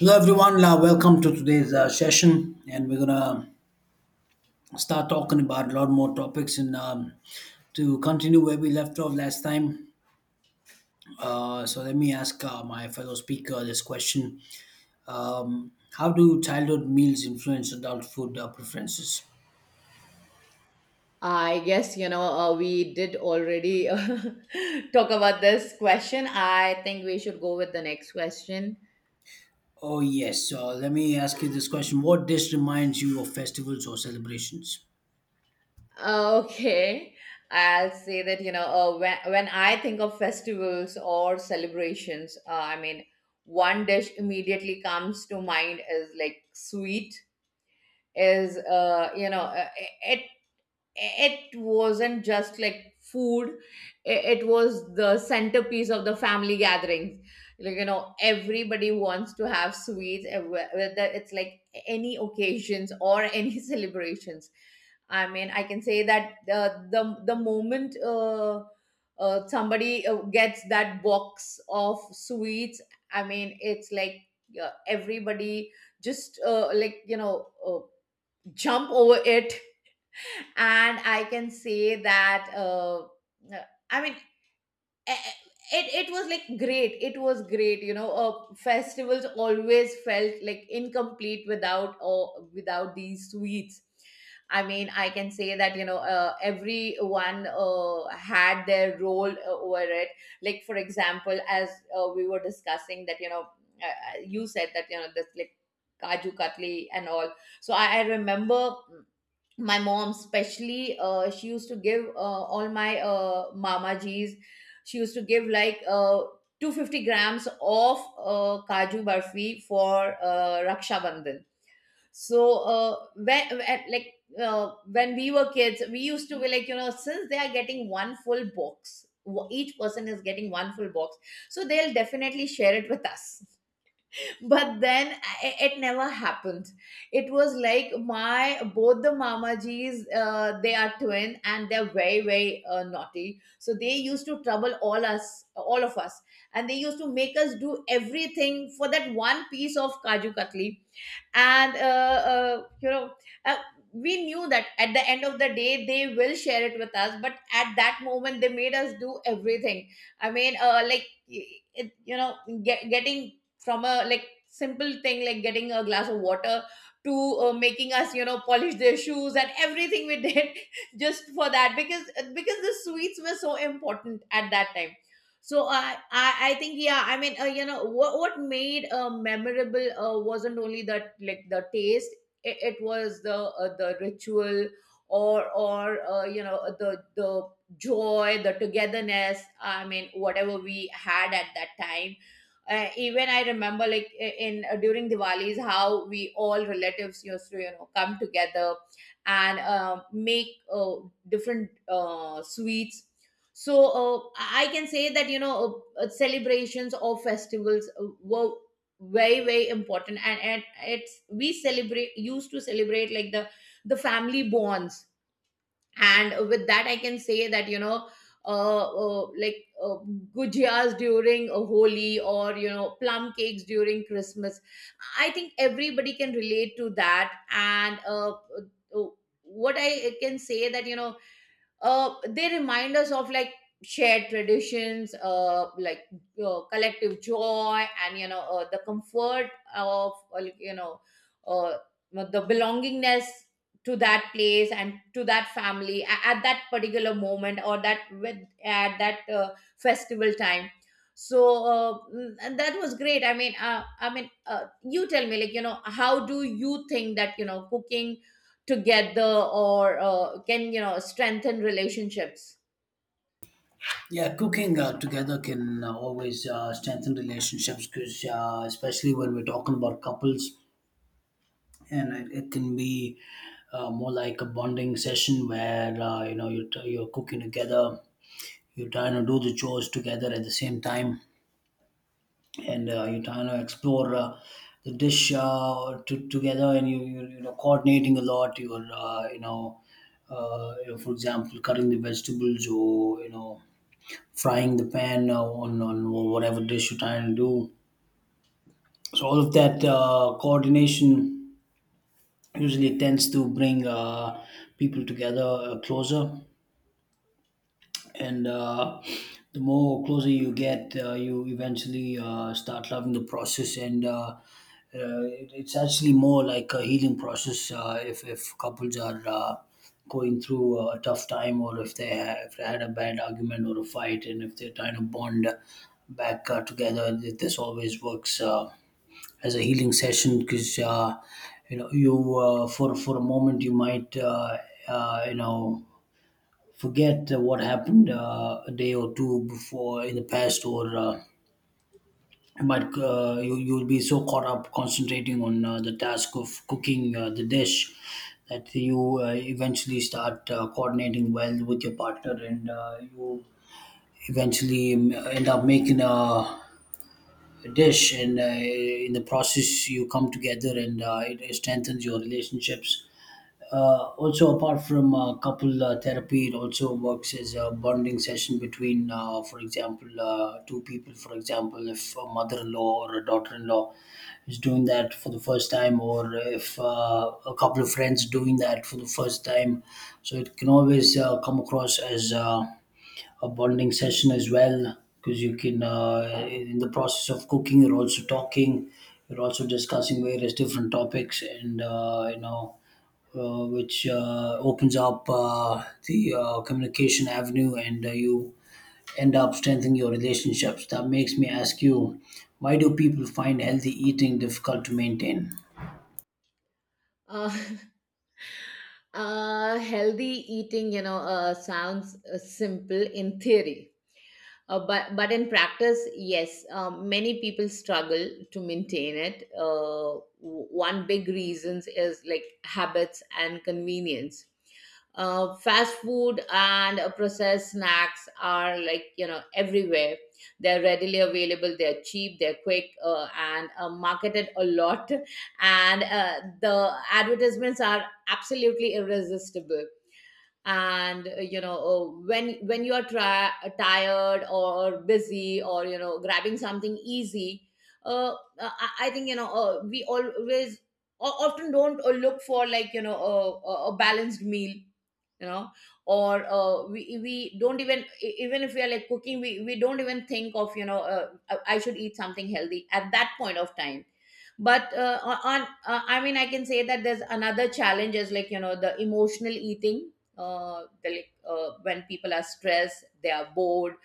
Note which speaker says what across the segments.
Speaker 1: Hello everyone, welcome to today's session, and we're gonna start talking about a lot more topics and to continue where we left off last time. So let me ask my fellow speaker this question: How do childhood meals influence adult food preferences?
Speaker 2: I guess, we did already talk about this question. I think we should go with the next question.
Speaker 1: Oh yes, so let me ask you this question: What dish reminds you of festivals or celebrations?
Speaker 2: Okay. I'll say that, when I think of festivals or celebrations, one dish immediately comes to mind is like sweet, is, you know, it it wasn't just like food i- it was the centerpiece of the family gatherings. Like, you know, everybody wants to have sweets, whether it's like any occasions or any celebrations. I mean, I can say that the moment somebody gets that box of sweets, I mean it's like everybody just jump over it. And I can say that I mean eh, eh, it was like great. It was great. You know, festivals always felt like incomplete without or without these sweets. I mean, I can say that everyone had their role over it. Like for example, as we were discussing that you said that you know this like kaju katli and all. So I remember my mom especially, she used to give all my mama g's, she used to give like 250 grams of kaju barfi for raksha bandhan. So when like when we were kids, we used to be like, you know, since they are getting one full box, each person is getting one full box, so they'll definitely share it with us. But then it never happened. It was like my both the mamajis, they are twin and they're very very naughty, so they used to trouble all of us, and they used to make us do everything for that one piece of kaju katli. And uh, we knew that at the end of the day they will share it with us, but at that moment they made us do everything. I mean, like it, you know, getting from a like simple thing like getting a glass of water to making us, you know, polish their shoes, and everything we did just for that, because the sweets were so important at that time. So I think, yeah. I mean, what made memorable wasn't only that like the taste. It was the ritual or the joy, the togetherness. I mean, whatever we had at that time. Even I remember like I- in during Diwali's how we all relatives used to, you know, come together and make different sweets. So I can say that, you know, celebrations or festivals were very very important, and it's we celebrate used to celebrate like the family bonds. And with that I can say that, uh, uh, like uh, gujiyas during a Holi or, you know, plum cakes during Christmas. I think everybody can relate to that. And uh, what I can say that, you know, they remind us of like shared traditions, collective joy, and, you know, the comfort of, uh, the belongingness to that place and to that family at that particular moment, or that with at that festival time. So and that was great. I mean, you tell me, like, you know, how do you think that, you know, cooking together or can, you know, strengthen relationships?
Speaker 1: Yeah, cooking together can always strengthen relationships because, especially when we're talking about couples, and it can be more like a bonding session where you know you're cooking together, you're trying to do the chores together at the same time, and you're trying to explore the dish together, and you know, coordinating a lot, you're you know, you know, for example, cutting the vegetables, or you know, frying the pan on whatever dish you're trying to do. So all of that coordination usually tends to bring people together, closer. And the more closer you get, you eventually start loving the process, and it's actually more like a healing process. If couples are going through a tough time, or if if they had a bad argument or a fight and if they're trying to bond back together, this always works as a healing session, because you know, you for a moment you might you know, forget what happened a day or two before in the past, or you might you you'll be so caught up concentrating on the task of cooking the dish, that you eventually start coordinating well with your partner, and you eventually end up making a dish, and in the process you come together, and it strengthens your relationships. Also, apart from couple therapy, it also works as a bonding session between for example two people. For example, if a mother-in-law or a daughter-in-law is doing that for the first time, or if a couple of friends doing that for the first time, so it can always come across as a bonding session as well, because you can in the process of cooking, you're also talking, you're also discussing various different topics, and you know, which opens up the communication avenue, and you end up strengthening your relationships. That makes me ask you, why do people find healthy eating difficult to maintain?
Speaker 2: Uh, Healthy eating, you know, sounds simple in theory. But in practice, yes, many people struggle to maintain it. One big reasons is like habits and convenience. Fast food and processed snacks are like, you know, everywhere. They're readily available. They're cheap. They're quick, and marketed a lot. And the advertisements are absolutely irresistible. And when you are tired or busy or, you know, grabbing something easy, uh, I think, you know, we always often don't look for like, you know, a a balanced meal, you know. Or we don't even even if we are like cooking, we don't even think of, you know, I should eat something healthy at that point of time. But I mean I can say that there's another challenge is like, you know, the emotional eating. The, like When people are stressed, they are bored,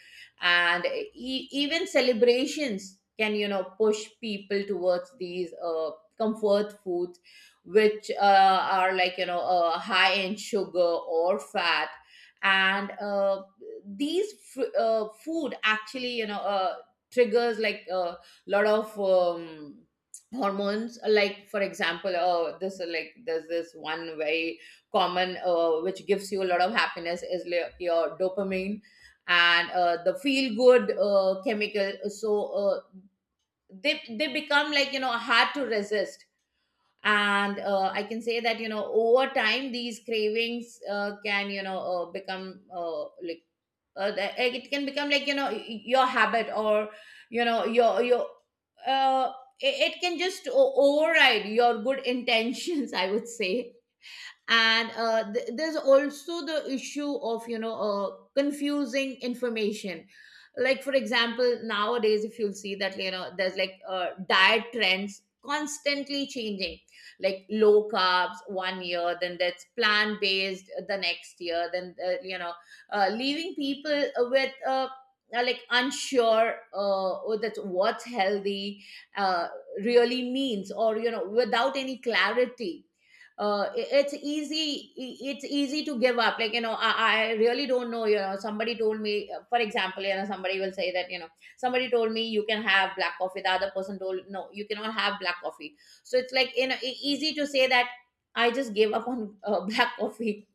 Speaker 2: and even celebrations can, you know, push people towards these comfort food, which are like, you know, high in sugar or fat. And these food actually, you know, triggers like a lot of hormones, like for example this like there's this one very common which gives you a lot of happiness, is like your dopamine, and the feel good chemical. So they become like, you know, hard to resist. And I can say that, you know, over time these cravings can, you know, become it can become like, you know, your habit, or you know, your uh, it it can just override your good intentions, I would say. And there's also the issue of, you know, confusing information. Like for example, nowadays, if you'll see that, you know, there's like diet trends constantly changing, like low carbs one year, then that's plant based the next year, then leaving people with like unsure oh, that's what's healthy uh, really means, or, you know, without any clarity. It's it's easy to give up. Like, you know, I really don't know. You know, somebody told me, for example, you know, somebody will say that, you know, somebody told me you can have black coffee, the other person told no you cannot have black coffee. So it's like, you know, easy to say that I just gave up on black coffee,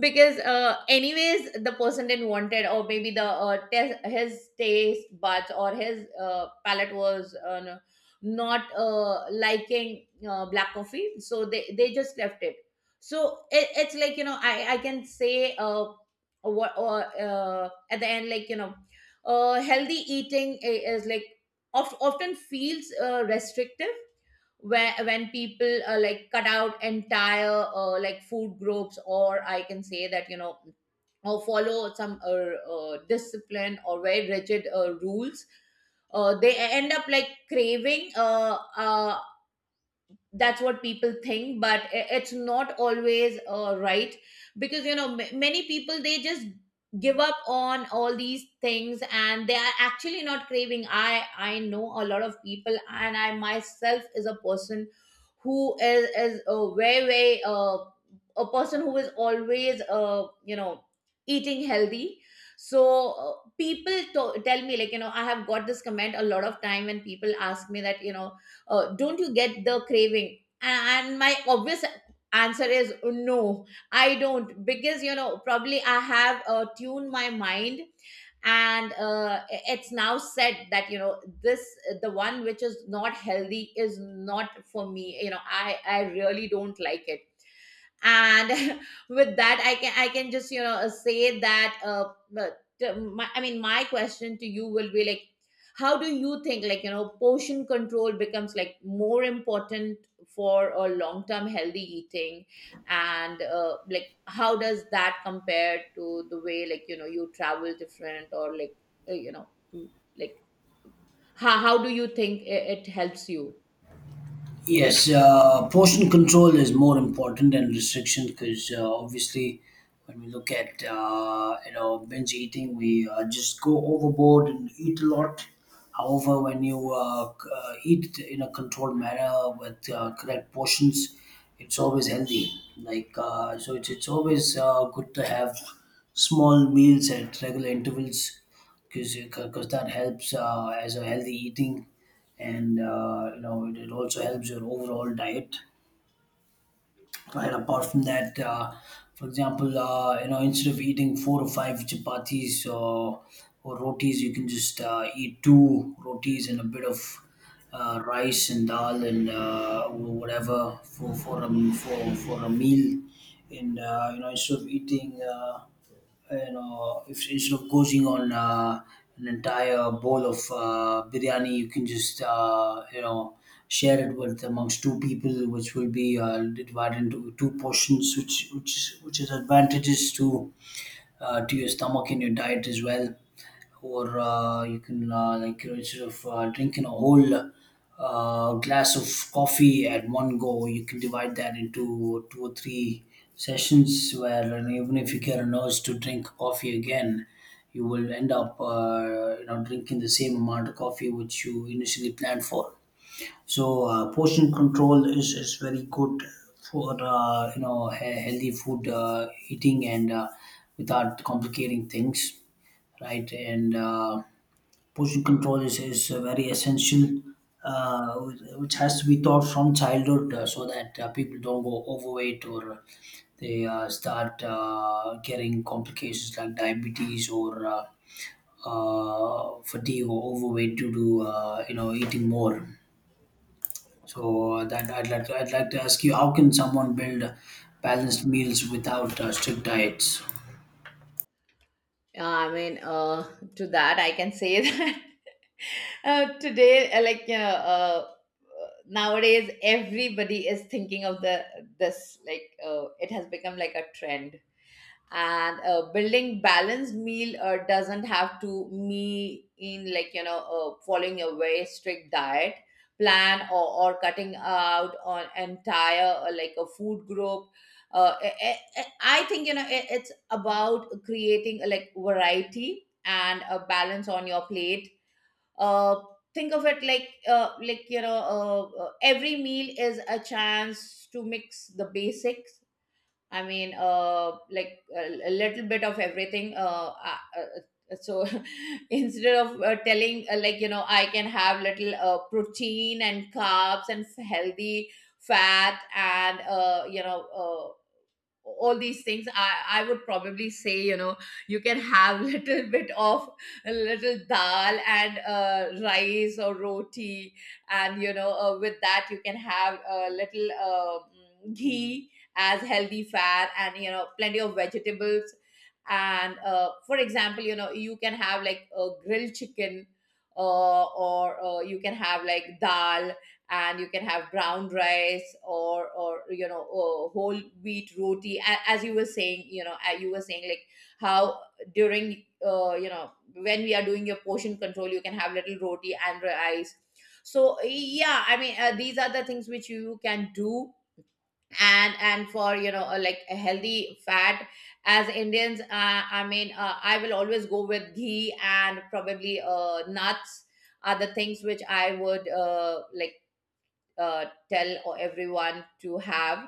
Speaker 2: because anyways the person didn't want it, or maybe the his taste buds or his palate was not liking black coffee, so they just left it. So it's like, you know, I can say what or at the end, like, you know, healthy eating is like often feels restrictive where, when people like cut out entire like food groups, or I can say that, you know, or follow some discipline or very rigid rules, they end up like craving that's what people think. But it's not always right, because, you know, many people, they just give up on all these things, and they are actually not craving. I know a lot of people, and I myself is a person who is a very very a person who is always, eating healthy. So people tell me, like, you know, I have got this comment a lot of time. When people ask me that, you know, don't you get the craving, and my obvious answer is no, I don't. Because, you know, probably I have tuned my mind. And it's now said that, you know, this the one which is not healthy is not for me. You know, I really don't like it. And with that, I can just, you know, say that. But I mean my question to you will be like, how do you think, like, you know, portion control becomes like more important for a long term healthy eating? And like, how does that compare to the way, like, you know, you travel different? Or like uh, you know mm, like, how do you think it helps you?
Speaker 1: Yes, portion control is more important than restriction, because obviously, when we look at you know, binge eating, we just go overboard and eat a lot. However, when you eat in a controlled manner with correct portions, it's always healthy. Like so, it's always good to have small meals at regular intervals, because that helps as a healthy eating, and you know, it also helps your overall diet, right? Apart from that, for example, you know, instead of eating four or five chapatis, or rotis, you can just eat two rotis and a bit of rice and dal and whatever for for a meal. And you know, instead of eating you know, if instead of gouging on an entire bowl of biryani, you can just you know, share it with amongst two people, which will be divided into two portions, which which is advantages to your stomach and your diet as well. Or you can like you know, instead of drinking a whole glass of coffee at one go, you can divide that into two or three sessions. Where and even if you get a urge to drink coffee again, you will end up you know, drinking the same amount of coffee which you initially planned for. So portion control is very good for you know, healthy food eating, and without complicating things, right? And portion control is very essential, uh, which has to be taught from childhood, so that people don't go overweight, or they start getting complications like diabetes, or fatigue or overweight due to you know, eating more. So that I'd like to ask you, how can someone build balanced meals without strict diets?
Speaker 2: I mean, to that I can say that today, nowadays, everybody is thinking of the this, like, it has become like a trend. And building balanced meal doesn't have to me in, like, you know, following a very strict diet plan, or cutting out on entire like a food group. I think, you know, it's about creating like variety and a balance on your plate. uh, think of it like every meal is a chance to mix the basics. I mean, a little bit of everything. So, instead of telling, like, you know, I can have little protein and carbs and healthy fat and, all these things, I would probably say, you know, you can have little bit of a little dal and rice or roti, and, you know, with that you can have a little ghee as healthy fat, and, you know, plenty of vegetables. And for example, you know, you can have like a grilled chicken, or you can have like dal, and you can have brown rice or, or whole wheat roti. As you were saying, you know, you were saying like how, during you know, when we are doing your portion control, you can have little roti and rice. So yeah, I mean, these are the things which you can do. And for, you know, like a healthy fat, as indians, I will always go with ghee, and probably nuts are the things which I would, like tell everyone to have.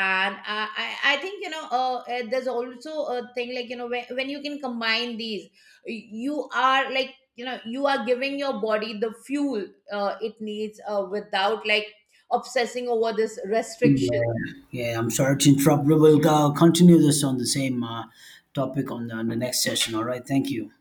Speaker 2: And I I think, you know, there's also a thing like, you know, when you can combine these, you are like, you know, you are giving your body the fuel it needs without like obsessing over this restriction.
Speaker 1: Yeah, yeah, I'm sorry to interrupt. We will continue this on the same topic on on the next session. All right. Thank you.